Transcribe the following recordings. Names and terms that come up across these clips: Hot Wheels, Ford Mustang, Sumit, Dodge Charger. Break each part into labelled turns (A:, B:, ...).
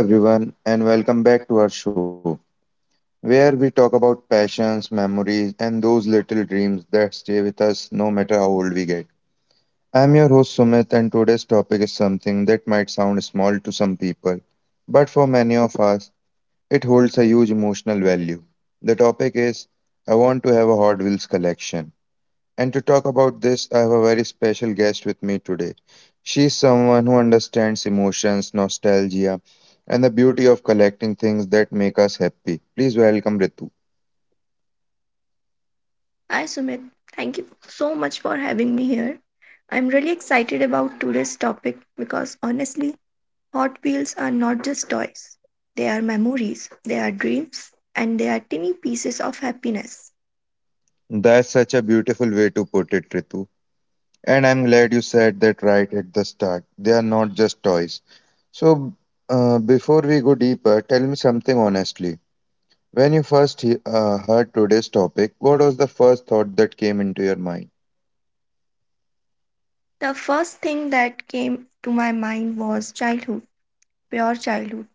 A: Hello, everyone, and welcome back to our show, where we talk about passions, memories, and those little dreams that stay with us no matter how old we get. I'm your host, Sumit, and today's topic is something that might sound small to some people, but for many of us, it holds a huge emotional value. The topic is I want to have a Hot Wheels collection. And to talk about this, I have a very special guest with me today. She is someone who understands emotions, nostalgia, and the beauty of collecting things that make us happy. Please welcome Ritu.
B: Hi Sumit, thank you so much for having me here. I'm really excited about today's topic because honestly, Hot Wheels are not just toys. They are memories, they are dreams, and they are tiny pieces of happiness.
A: That's such a beautiful way to put it, Ritu. And I'm glad you said that right at the start. They are not just toys. So, before we go deeper, tell me something honestly. When you first heard today's topic, what was the first thought that came into your mind?
B: The first thing that came to my mind was childhood, pure childhood.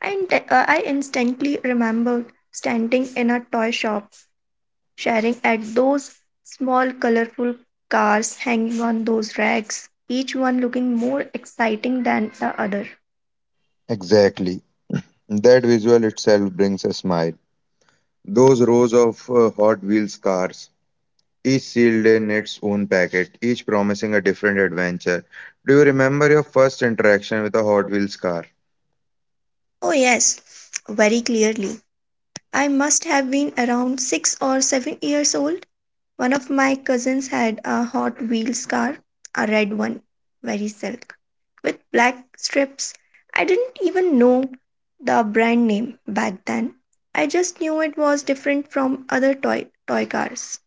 B: I instantly remembered standing in a toy shop sharing at those small colorful cars hanging on those racks, each one looking more exciting than the other.
A: Exactly. That visual itself brings a smile. Those rows of Hot Wheels cars, each sealed in its own packet, each promising a different adventure. Do you remember your first interaction with a Hot Wheels car?
B: Oh, yes, very clearly. I must have been around 6 or 7 years old. One of my cousins had a Hot Wheels car, a red one, very silk, with black strips. I didn't even know the brand name back then. I just knew it was different from other toy cars.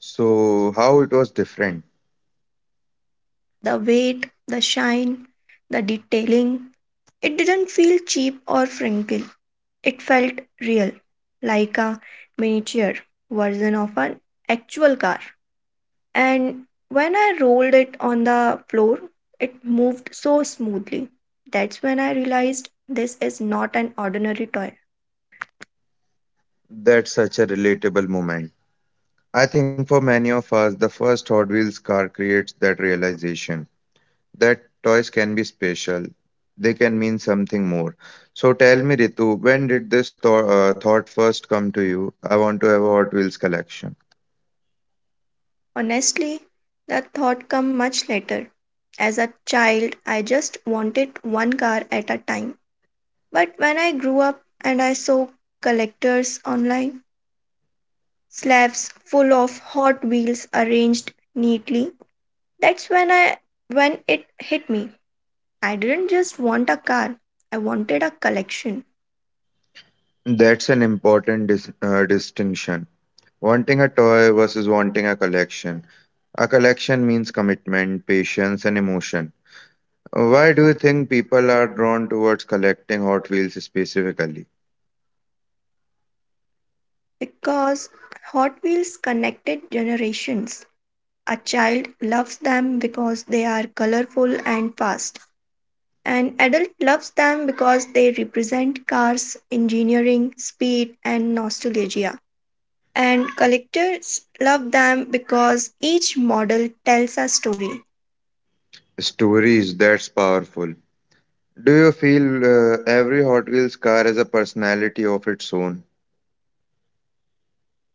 A: So, how it was different?
B: The weight, the shine, the detailing. It didn't feel cheap or frantic. It felt real, like a miniature version of an actual car. And when I rolled it on the floor, it moved so smoothly. That's when I realized this is not an ordinary toy.
A: That's such a relatable moment. I think for many of us, the first Hot Wheels car creates that realization. That toys can be special. They can mean something more. So tell me, Ritu, when did this thought first come to you? I want to have a Hot Wheels collection.
B: Honestly, that thought came much later. As a child, I just wanted one car at a time. But when I grew up and I saw collectors online, slabs full of Hot Wheels arranged neatly, that's when I when it hit me. I didn't just want a car, I wanted a collection
A: That's an important distinction. Wanting a toy versus wanting a collection. A collection means commitment, patience, and emotion. Why do you think people are drawn towards collecting Hot Wheels specifically?
B: because Hot Wheels connected generations. A child loves them because they are colorful and fast. An adult loves them because they represent cars, engineering, speed, and nostalgia, and collectors love them because each model tells a story.
A: Stories, that's powerful. Do you feel every Hot Wheels car has a personality of its own?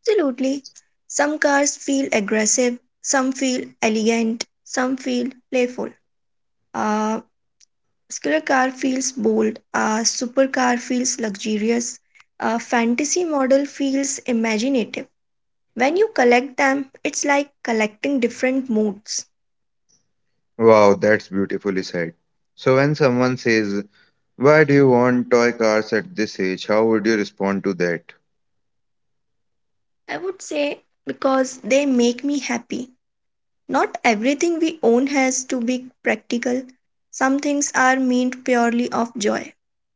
B: Absolutely. Some cars feel aggressive, some feel elegant, some feel playful. A skiller car feels bold, a supercar feels luxurious, a fantasy model feels imaginative. When you collect them, it's like collecting different moods.
A: Wow, that's beautifully said. So when someone says, "Why do you want toy cars at this age?" How would you respond to that?
B: I would say because they make me happy. Not everything we own has to be practical. Some things are meant purely of joy,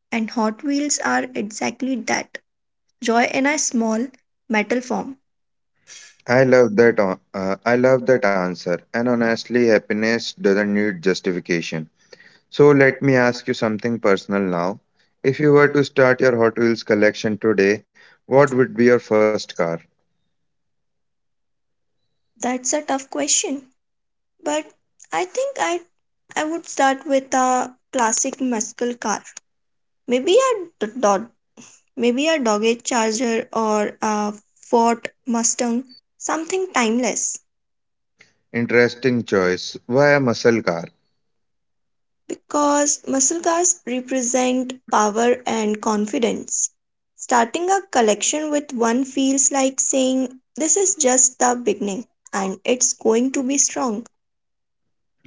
B: and Hot Wheels are exactly that, joy in a small metal form.
A: I love that. I love that answer. And honestly, happiness doesn't need justification. So let me ask you something personal now. If you were to start your Hot Wheels collection today, what would be your first car?
B: That's a tough question, but I think I would start with a classic muscle car. Maybe a Dodge, maybe a Dodge Charger or a Ford Mustang, something timeless.
A: Interesting choice. Why a muscle car?
B: Because muscle cars represent power and confidence. Starting a collection with one feels like saying, this is just the beginning and it's going to be strong.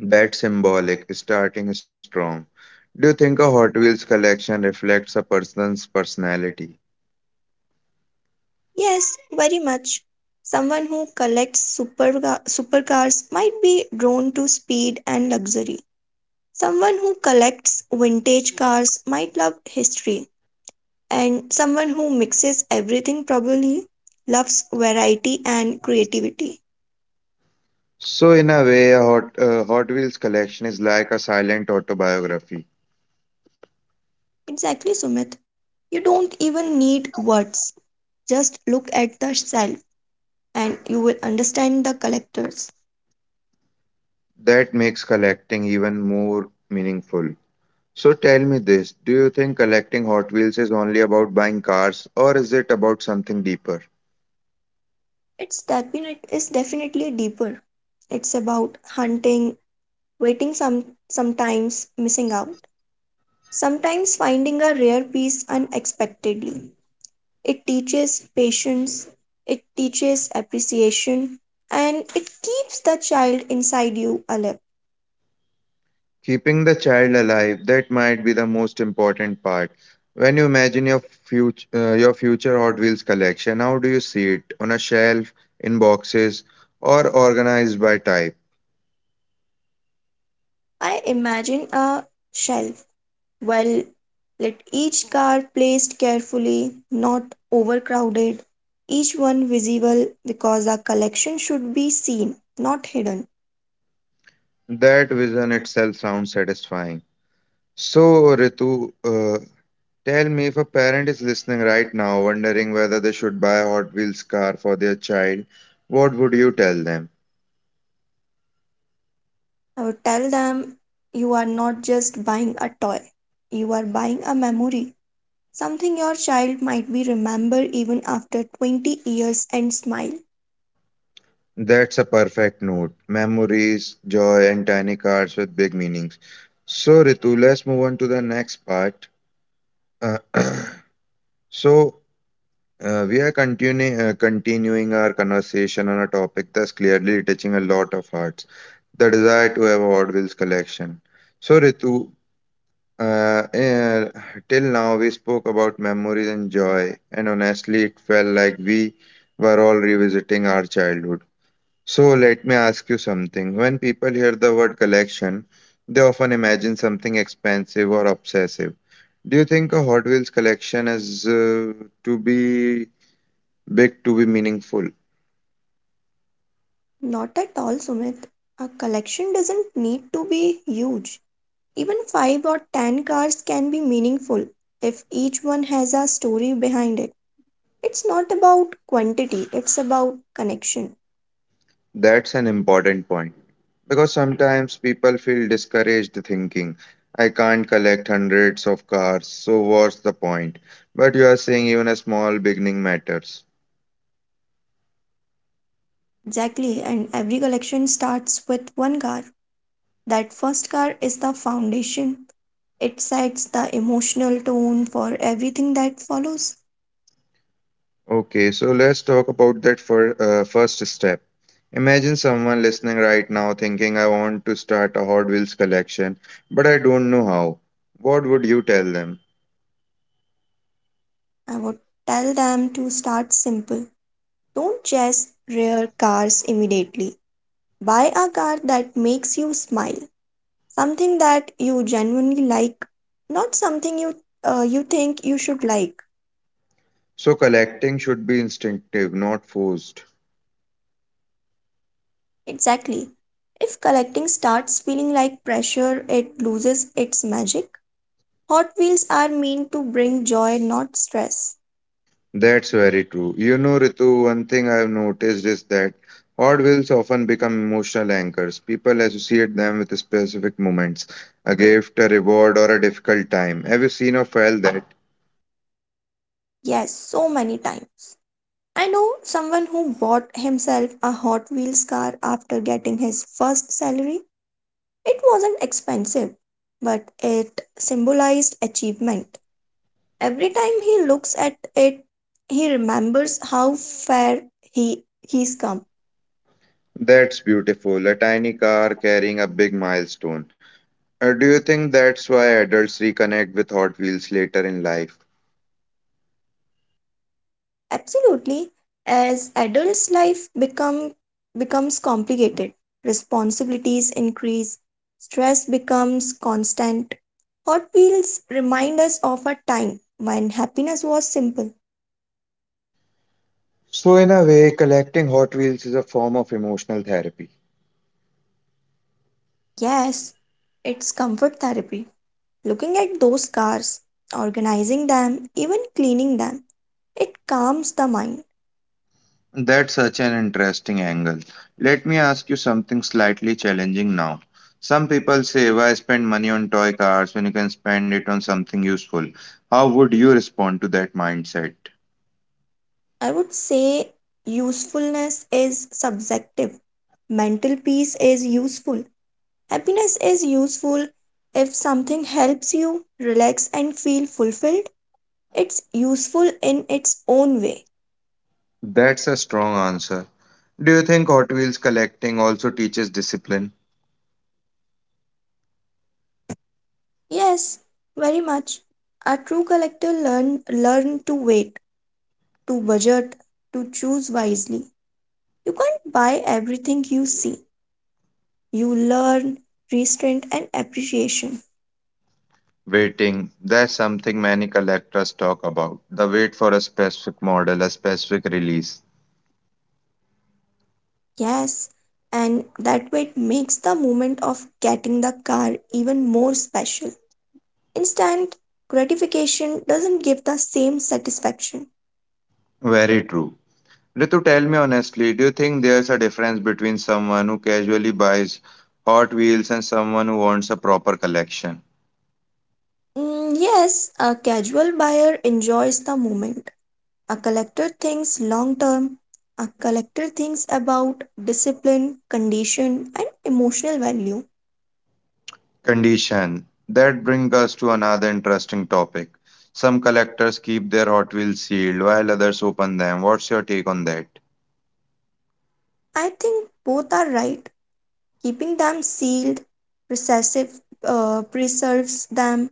A: That's symbolic, starting strong. Do you think a Hot Wheels collection reflects a person's personality?
B: Yes, very much. Someone who collects super supercars might be drawn to speed and luxury. Someone who collects vintage cars might love history. And someone who mixes everything probably loves variety and creativity.
A: So, in a way, a Hot Wheels collection is like a silent autobiography.
B: Exactly, Sumit. You don't even need words. Just look at the self and you will understand the collectors.
A: That makes collecting even more meaningful. So, tell me this, do you think collecting Hot Wheels is only about buying cars, or is it about something deeper?
B: It's definitely deeper. It's about hunting, waiting, sometimes missing out, sometimes finding a rare piece unexpectedly. It teaches patience, it teaches appreciation, and it keeps the child inside you alive.
A: Keeping the child alive, that might be the most important part. When you imagine your future Hot Wheels collection, how do you see it? On a shelf, in boxes, or organized by type?
B: I imagine a shelf, well, let each car placed carefully, not overcrowded, each one visible, because our collection should be seen, not hidden.
A: That vision itself sounds satisfying. So, Ritu, tell me, if a parent is listening right now, wondering whether they should buy a Hot Wheels car for their child, what would you tell them?
B: I would tell them, you are not just buying a toy, you are buying a memory, something your child might be remember even after 20 years and smile.
A: That's a perfect note. Memories, joy, and tiny cards with big meanings. So, Ritu, let's move on to the next part. Uh, so, we are continuing our conversation on a topic that's clearly touching a lot of hearts, the desire to have a Hot Wheels collection. So, Ritu, uh, uh, till now we spoke about memories and joy, and honestly, it felt like we were all revisiting our childhood. So let me ask you something. When people hear the word collection, they often imagine something expensive or obsessive. Do you think a Hot Wheels collection is to be big to be meaningful?
B: Not at all, Sumit. A collection doesn't need to be huge. Even 5 or 10 cars can be meaningful if each one has a story behind it. It's not about quantity, it's about connection.
A: That's an important point. Because sometimes people feel discouraged thinking, I can't collect hundreds of cars, so what's the point? But you are saying even a small beginning matters.
B: Exactly, and every collection starts with one car. That first car is the foundation, it sets the emotional tone for everything that follows.
A: Okay, so let's talk about that for first step. Imagine someone listening right now thinking, I want to start a Hot Wheels collection, but I don't know how. What would you tell them?
B: I would tell them to start simple. Don't chase rare cars immediately. Buy a car that makes you smile, something that you genuinely like, not something you think you should like.
A: So, collecting should be instinctive, not forced.
B: Exactly. If collecting starts feeling like pressure, it loses its magic. Hot Wheels are meant to bring joy, not stress.
A: That's very true. You know, Ritu, one thing I've noticed is that Hot Wheels often become emotional anchors. People associate them with specific moments, a gift, a reward, or a difficult time. Have you seen or felt that?
B: Yes, so many times. I know someone who bought himself a Hot Wheels car after getting his first salary. It wasn't expensive, but it symbolized achievement. Every time he looks at it, he remembers how far he's come.
A: That's beautiful. A tiny car carrying a big milestone. Do you think that's why adults reconnect with Hot Wheels later in life?
B: Absolutely. As adults' life become becomes complicated, responsibilities increase, stress becomes constant. Hot Wheels remind us of a time when happiness was simple.
A: So, in a way, collecting Hot Wheels is a form of emotional therapy.
B: Yes, it's comfort therapy. Looking at those cars, organizing them, even cleaning them, it calms the mind.
A: That's such an interesting angle. Let me ask you something slightly challenging now. Some people say, why spend money on toy cars when you can spend it on something useful? How would you respond to that mindset?
B: I would say usefulness is subjective. Mental peace is useful. Happiness is useful. If something helps you relax and feel fulfilled, it's useful in its own way.
A: That's a strong answer. Do you think Hot Wheels collecting also teaches discipline?
B: Yes, very much. A true collector learn to wait, to budget, to choose wisely. You can't buy everything you see. You learn restraint and appreciation.
A: Waiting, that's something many collectors talk about. The wait for a specific model, a specific release.
B: Yes, and that way makes the moment of getting the car even more special. Instant gratification doesn't give the same satisfaction.
A: Very true. Ritu, tell me honestly, do you think there's a difference between someone who casually buys Hot Wheels and someone who wants a proper collection?
B: Mm, yes, a casual buyer enjoys the moment. A collector thinks long term. A collector thinks about discipline, condition, and emotional value.
A: Condition. That brings us to another interesting topic. Some collectors keep their Hot Wheels sealed while others open them. What's your take on that?
B: I think both are right. Keeping them sealed, recessive, preserves them,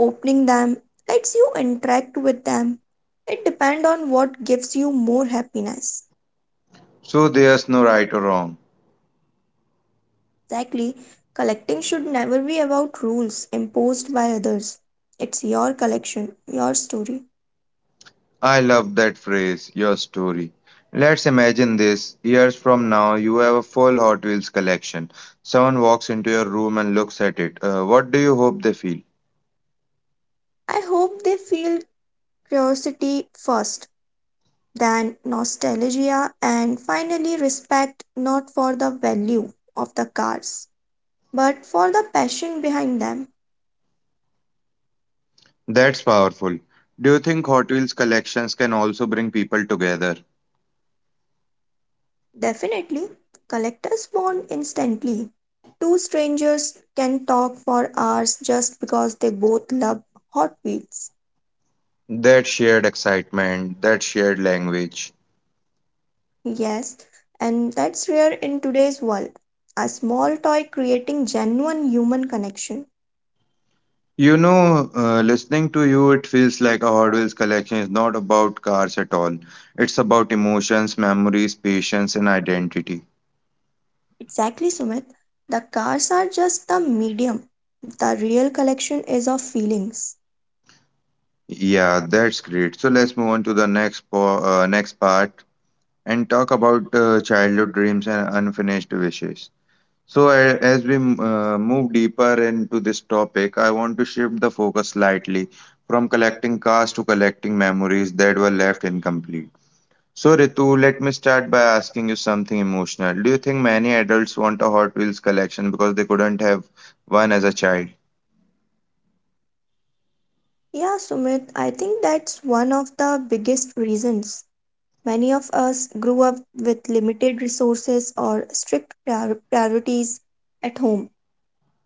B: opening them lets you interact with them. It depends on what gives you more happiness.
A: So there's no right or wrong.
B: Exactly, collecting should never be about rules imposed by others. It's your collection, your story.
A: I love that phrase, your story. Let's imagine this. Years from now, you have a full Hot Wheels collection. Someone walks into your room and looks at it. What do you hope they feel?
B: I hope they feel curiosity first, then nostalgia, and finally respect, not for the value of the cars, but for the passion behind them.
A: That's powerful. Do you think Hot Wheels collections can also bring people together?
B: Definitely, collectors bond instantly. Two strangers can talk for hours just because they both love Hot Wheels.
A: That shared excitement, that shared language.
B: Yes, and that's rare in today's world. A small toy creating genuine human connection.
A: You know, listening to you, it feels like a Hot Wheels collection is not about cars at all. It's about emotions, memories, patience, and identity.
B: Exactly, Sumit. The cars are just the medium. The real collection is of feelings.
A: Yeah, that's great. So let's move on to the next po next part and talk about childhood dreams and unfinished wishes. So as we move deeper into this topic, I want to shift the focus slightly from collecting cars to collecting memories that were left incomplete. So Ritu, let me start by asking you something emotional. Do you think many adults want a Hot Wheels collection because they couldn't have one as a child?
B: Yeah, Sumit, I think that's one of the biggest reasons. Many of us grew up with limited resources or strict priorities at home.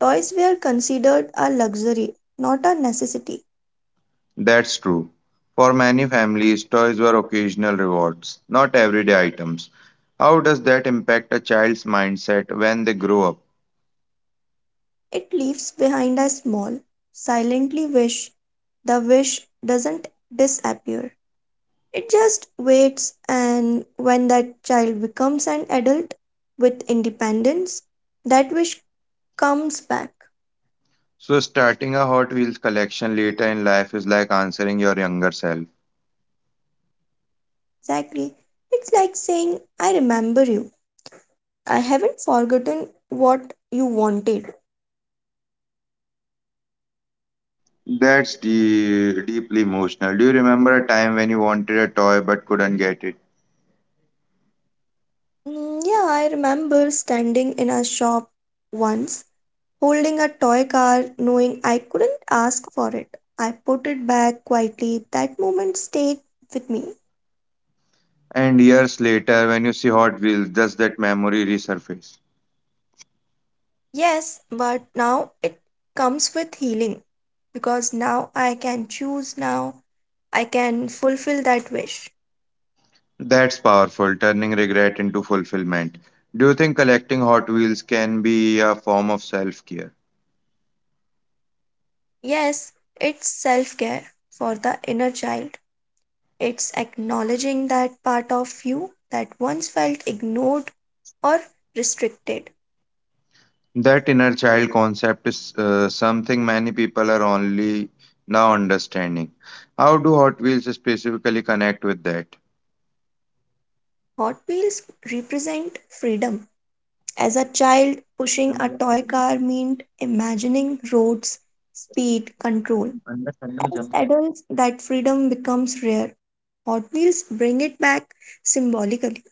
B: Toys were considered a luxury, not a necessity.
A: That's true. For many families, toys were occasional rewards, not everyday items. How does that impact a child's mindset when they grow up?
B: It leaves behind a small, silently wish. The wish doesn't disappear, it just waits, and when that child becomes an adult with independence, that wish comes back.
A: So, starting a Hot Wheels collection later in life is like answering your younger self.
B: Exactly. It's like saying, I remember you, I haven't forgotten what you wanted.
A: That's deeply emotional. Do you remember a time when you wanted a toy but couldn't get it?
B: Mm, yeah, I remember standing in a shop once, holding a toy car, knowing I couldn't ask for it. I put it back quietly. That moment stayed with me.
A: And years later, when you see Hot Wheels, does that memory resurface?
B: Yes, but now it comes with healing because now I can choose, now I can fulfill that wish.
A: That's powerful, turning regret into fulfillment. Do you think collecting Hot Wheels can be a form of self-care?
B: Yes, it's self care for the inner child. It's acknowledging that part of you that once felt ignored or restricted.
A: That inner child concept is something many people are only now understanding. How do Hot Wheels specifically connect with that?
B: Hot Wheels represent freedom. As a child, pushing a toy car meant imagining roads, speed, control. As adults, that freedom becomes rare. Hot Wheels bring it back symbolically.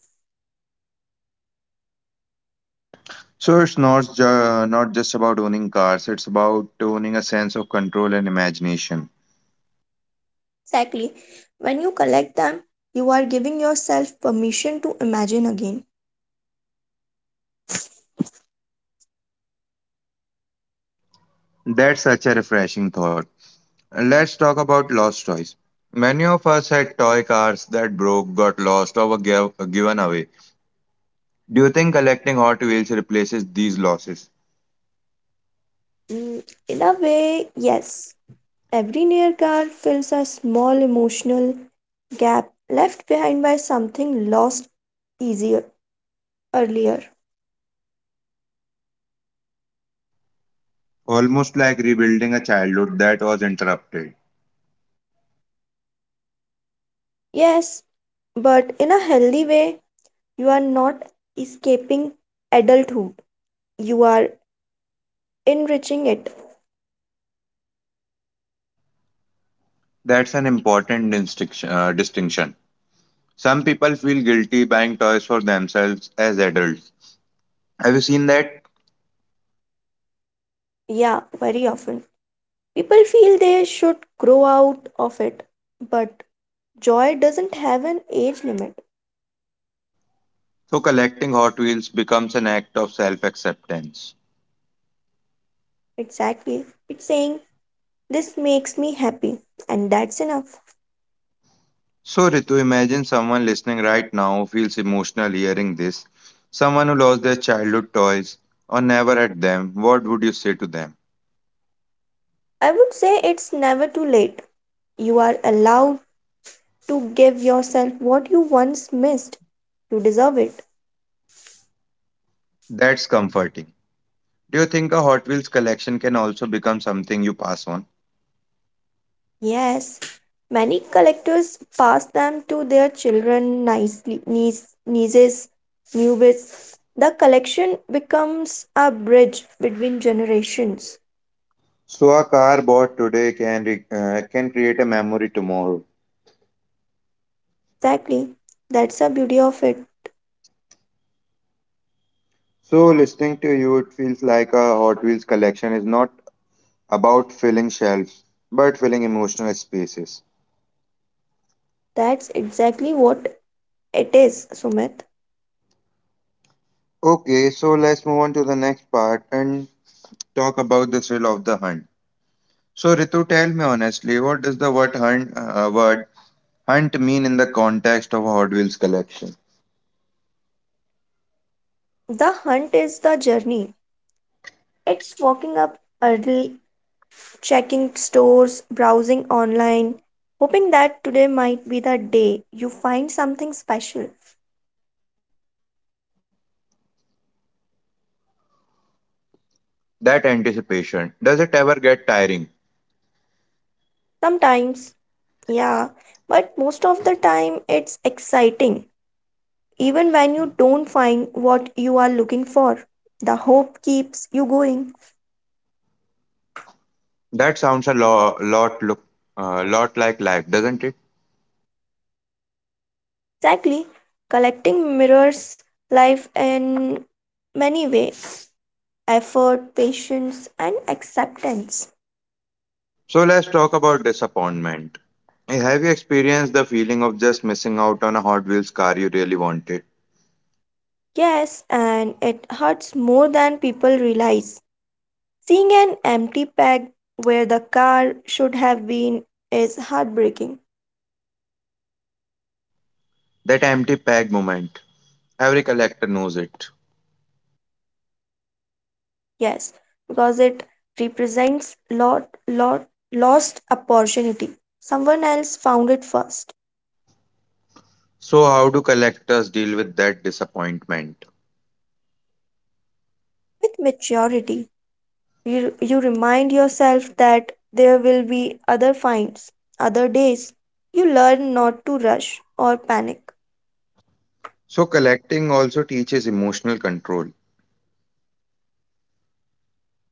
A: So it's not just about owning cars, it's about owning a sense of control and imagination.
B: Exactly. When you collect them, you are giving yourself permission to imagine again.
A: That's such a refreshing thought. Let's talk about lost toys. Many of us had toy cars that broke, got lost, or were given away. Do you think collecting Hot Wheels replaces these losses?
B: Mm, in a way, yes. Every near car fills a small emotional gap left behind by something lost easier earlier.
A: Almost like rebuilding a childhood that was interrupted.
B: Yes, but in a healthy way, you are not escaping adulthood. You are enriching it.
A: That's an important distinction. Some people feel guilty buying toys for themselves as adults. Have you seen that?
B: Yeah, very often. People feel they should grow out of it, but joy doesn't have an age limit.
A: So collecting Hot Wheels becomes an act of self acceptance.
B: Exactly. It's saying, this makes me happy, and that's enough.
A: So, Ritu, imagine someone listening right now feels emotional hearing this. Someone who lost their childhood toys or never had them, what would you say to them?
B: I would say it's never too late. You are allowed to give yourself what you once missed. You deserve it.
A: That's comforting. Do you think a Hot Wheels collection can also become something you pass on?
B: Yes, many collectors pass them to their children, nicely, niece, nieces, newbies. The collection becomes a bridge between generations.
A: So, a car bought today can can create a memory tomorrow.
B: Exactly. That's the beauty of it.
A: So, listening to you, it feels like a Hot Wheels collection is not about filling shelves, but filling emotional spaces.
B: That's exactly what it is, Sumit.
A: Okay, so let's move on to the next part and talk about the thrill of the hunt. So, Ritu, tell me honestly, what does the word hunt mean in the context of Hot Wheels collection?
B: The hunt is the journey. It's walking up early, checking stores, browsing online, hoping that today might be the day you find something special.
A: That anticipation, does it ever get tiring?
B: Sometimes, yeah, but most of the time it's exciting, even when you don't find what you are looking for. The hope keeps you going.
A: That sounds a lot like life, doesn't it?
B: Exactly, collecting mirrors life in many ways, effort, patience, and acceptance.
A: So let's talk about disappointment. Eh, have you experienced the feeling of just missing out on a Hot Wheels car you really wanted?
B: Yes, and it hurts more than people realize. Seeing an empty peg where the car should have been is heartbreaking.
A: That empty bag moment. Every collector knows it.
B: Yes, because it represents lot lot lost opportunity. Someone else found it first.
A: So how do collectors deal with that disappointment?
B: With maturity, you remind yourself that there will be other finds, other days. You learn not to rush or panic.
A: So collecting also teaches emotional control.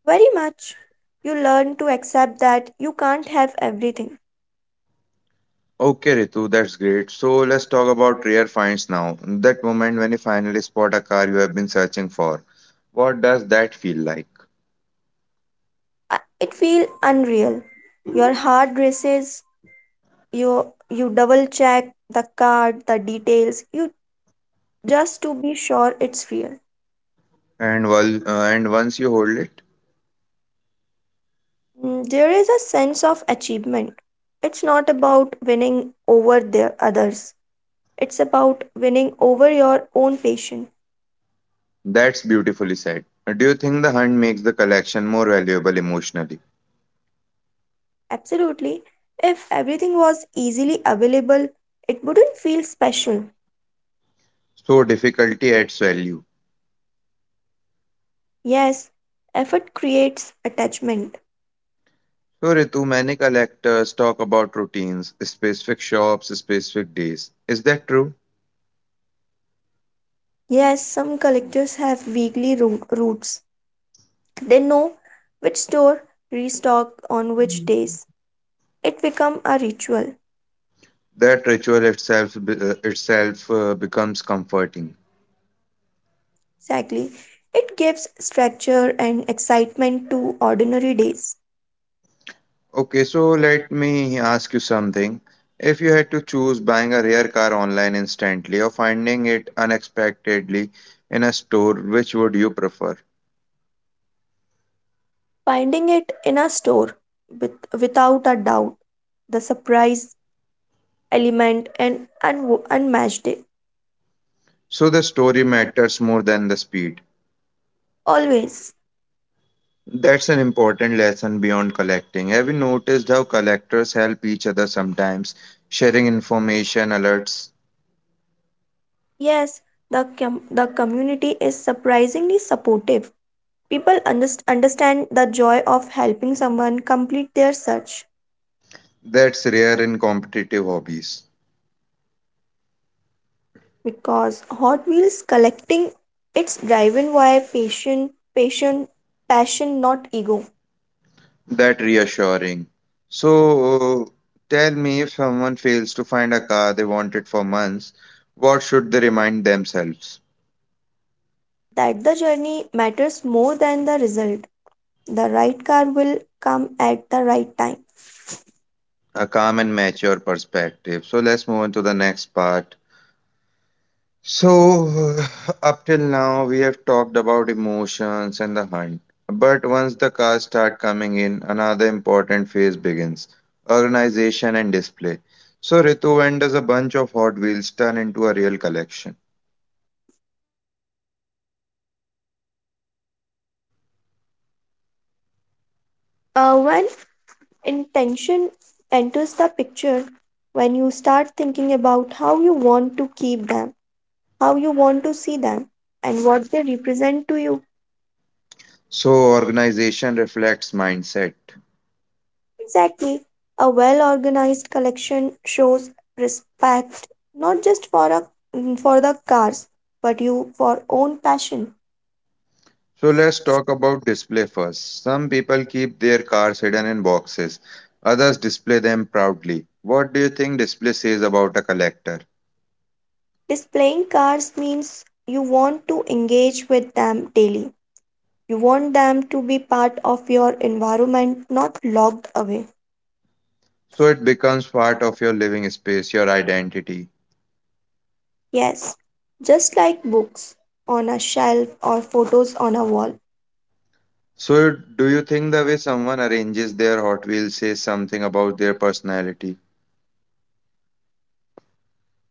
B: Very much. You learn to accept that you can't have everything.
A: Okay, Ritu, that's great. So let's talk about rare finds now. That moment when you finally spot a car you have been searching for. What does that feel like?
B: I- it feels unreal. Your heart races, you you double check the card, the details, you, just to be sure it's real.
A: And and once you hold it,
B: Mm, there is a sense of achievement. It's not about winning over the others. It's about winning over your own patient.
A: that's beautifully said. Do you think the hunt makes the collection more valuable emotionally?
B: Absolutely. If everything was easily available, it wouldn't feel special.
A: So difficulty adds value.
B: Yes, effort creates attachment.
A: So Ritu, many collectors talk about routines, specific shops, specific days. Is that true?
B: Yes, some collectors have weekly roots. They know which store restock on which days. It becomes a ritual.
A: That ritual itself becomes comforting.
B: Exactly. It gives structure and excitement to ordinary days.
A: Okay, so let me ask you something. If you had to choose buying a rare car online instantly or finding it unexpectedly in a store, which would you prefer?
B: Finding it in a store, with, without a doubt, the surprise element and unmatched it.
A: So the story matters more than the speed.
B: Always.
A: That's an important lesson beyond collecting. Have you noticed how collectors help each other sometimes, sharing information, alerts?
B: Yes, the community is surprisingly supportive. People understand the joy of helping someone complete their search.
A: That's rare in competitive hobbies.
B: Because Hot Wheels collecting, it's driven by passion, not ego.
A: That reassuring. So, tell me, if someone fails to find a car they wanted for months, what should they remind themselves?
B: That the journey matters more than the result. The right car will come at the right time.
A: A calm and mature perspective. So, let's move on to the next part. So, up till now, we have talked about emotions and the hunt. But once the cars start coming in, another important phase begins, organization and display. So, Ritu, when does a bunch of Hot Wheels turn into a real collection?
B: When intention enters the picture, when you start thinking about how you want to keep them, how you want to see them, and what they represent to you.
A: So, organization reflects mindset.
B: Exactly. A well organized collection shows respect, not just for for the cars, but you for own passion.
A: So, let's talk about display first. Some people keep their cars hidden in boxes, others display them proudly. What do you think display says about a collector?
B: Displaying cars means you want to engage with them daily. You want them to be part of your environment, not locked away.
A: So, it becomes part of your living space, your identity.
B: Yes. Just like books on a shelf or photos on a wall.
A: So, do you think the way someone arranges their Hot Wheels says something about their personality?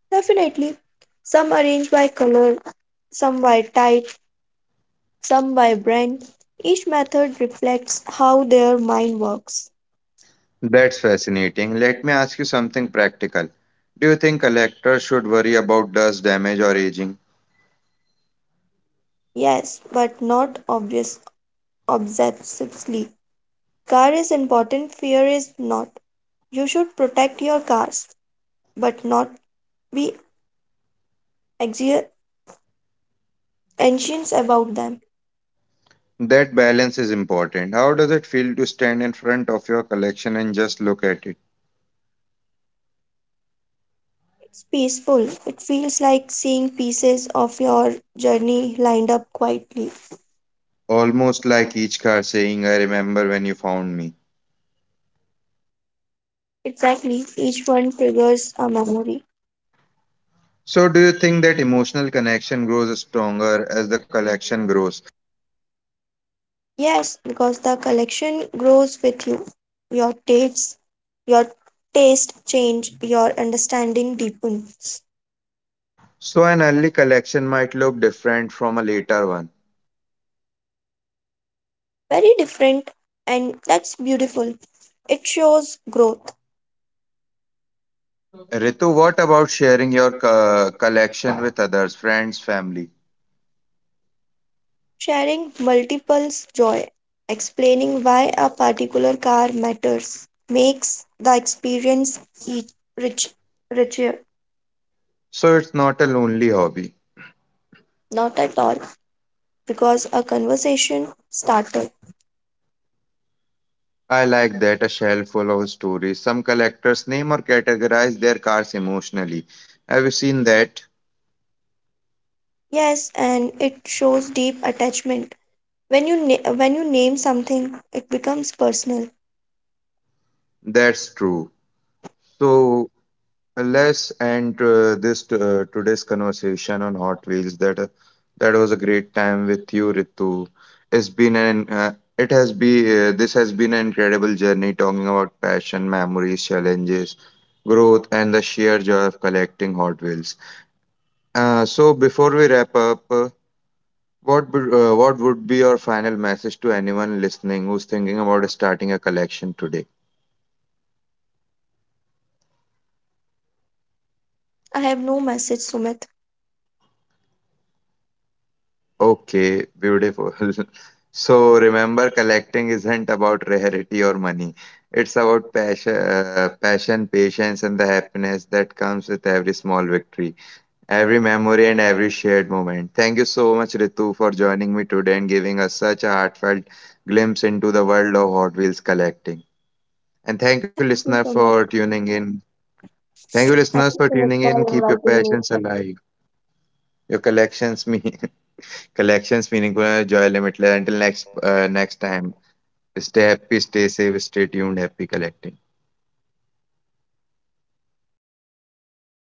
B: Definitely. Some arranged by color, some by type, some vibrant. Each method reflects how their mind works.
A: That's fascinating. Let me ask you something practical. Do you think collectors should worry about dust, damage, or aging?
B: Yes, but not obvious obsessively. Car is important, fear is not. You should protect your cars, but not be anxio- anxious about them.
A: That balance is important. How does it feel to stand in front of your collection and just look at it?
B: It's peaceful. It feels like seeing pieces of your journey lined up quietly.
A: Almost like each car saying, I remember when you found me.
B: Exactly. Each one triggers a memory.
A: So, do you think that emotional connection grows stronger as the collection grows?
B: Yes, because the collection grows with you. Your tastes, your taste change, your understanding deepens.
A: So, an early collection might look different from a later one.
B: Very different, and that's beautiful. It shows growth.
A: Ritu, what about sharing your collection with others, friends, family?
B: Sharing multiples joy, explaining why a particular car matters, makes the experience e- rich, richer.
A: So, it's not a lonely hobby.
B: Not at all, because a conversation started.
A: I like that, a shelf full of stories. Some collectors name or categorize their cars emotionally. Have you seen that?
B: Yes, and it shows deep attachment. When you name something, it becomes personal.
A: That's true. So let's end this today's conversation on Hot Wheels. That was a great time with you, Ritu. It's been an it has been this has been an incredible journey talking about passion, memories, challenges, growth, and the sheer joy of collecting Hot Wheels. So before we wrap up. What would what would be your final message to anyone listening who's thinking about starting a collection today?
B: I have no message, Sumit.
A: Okay, beautiful. So remember, collecting isn't about rarity or money. It's about passion, patience, and the happiness that comes with every small victory, every memory, and every shared moment. Thank you so much, Ritu, for joining me today and giving us such a heartfelt glimpse into the world of Hot Wheels collecting. And thank you,
B: Thank
A: listener,
B: you, Sumit.
A: for tuning in. Thank you,
B: Thank
A: listeners,
B: you,
A: for
B: Sumit,
A: tuning
B: for
A: in. Keep your
B: inviting me.
A: passions alive. Your collections mean collections meaningful and joy limitless. Until next time, stay happy, stay safe, stay tuned. Happy collecting.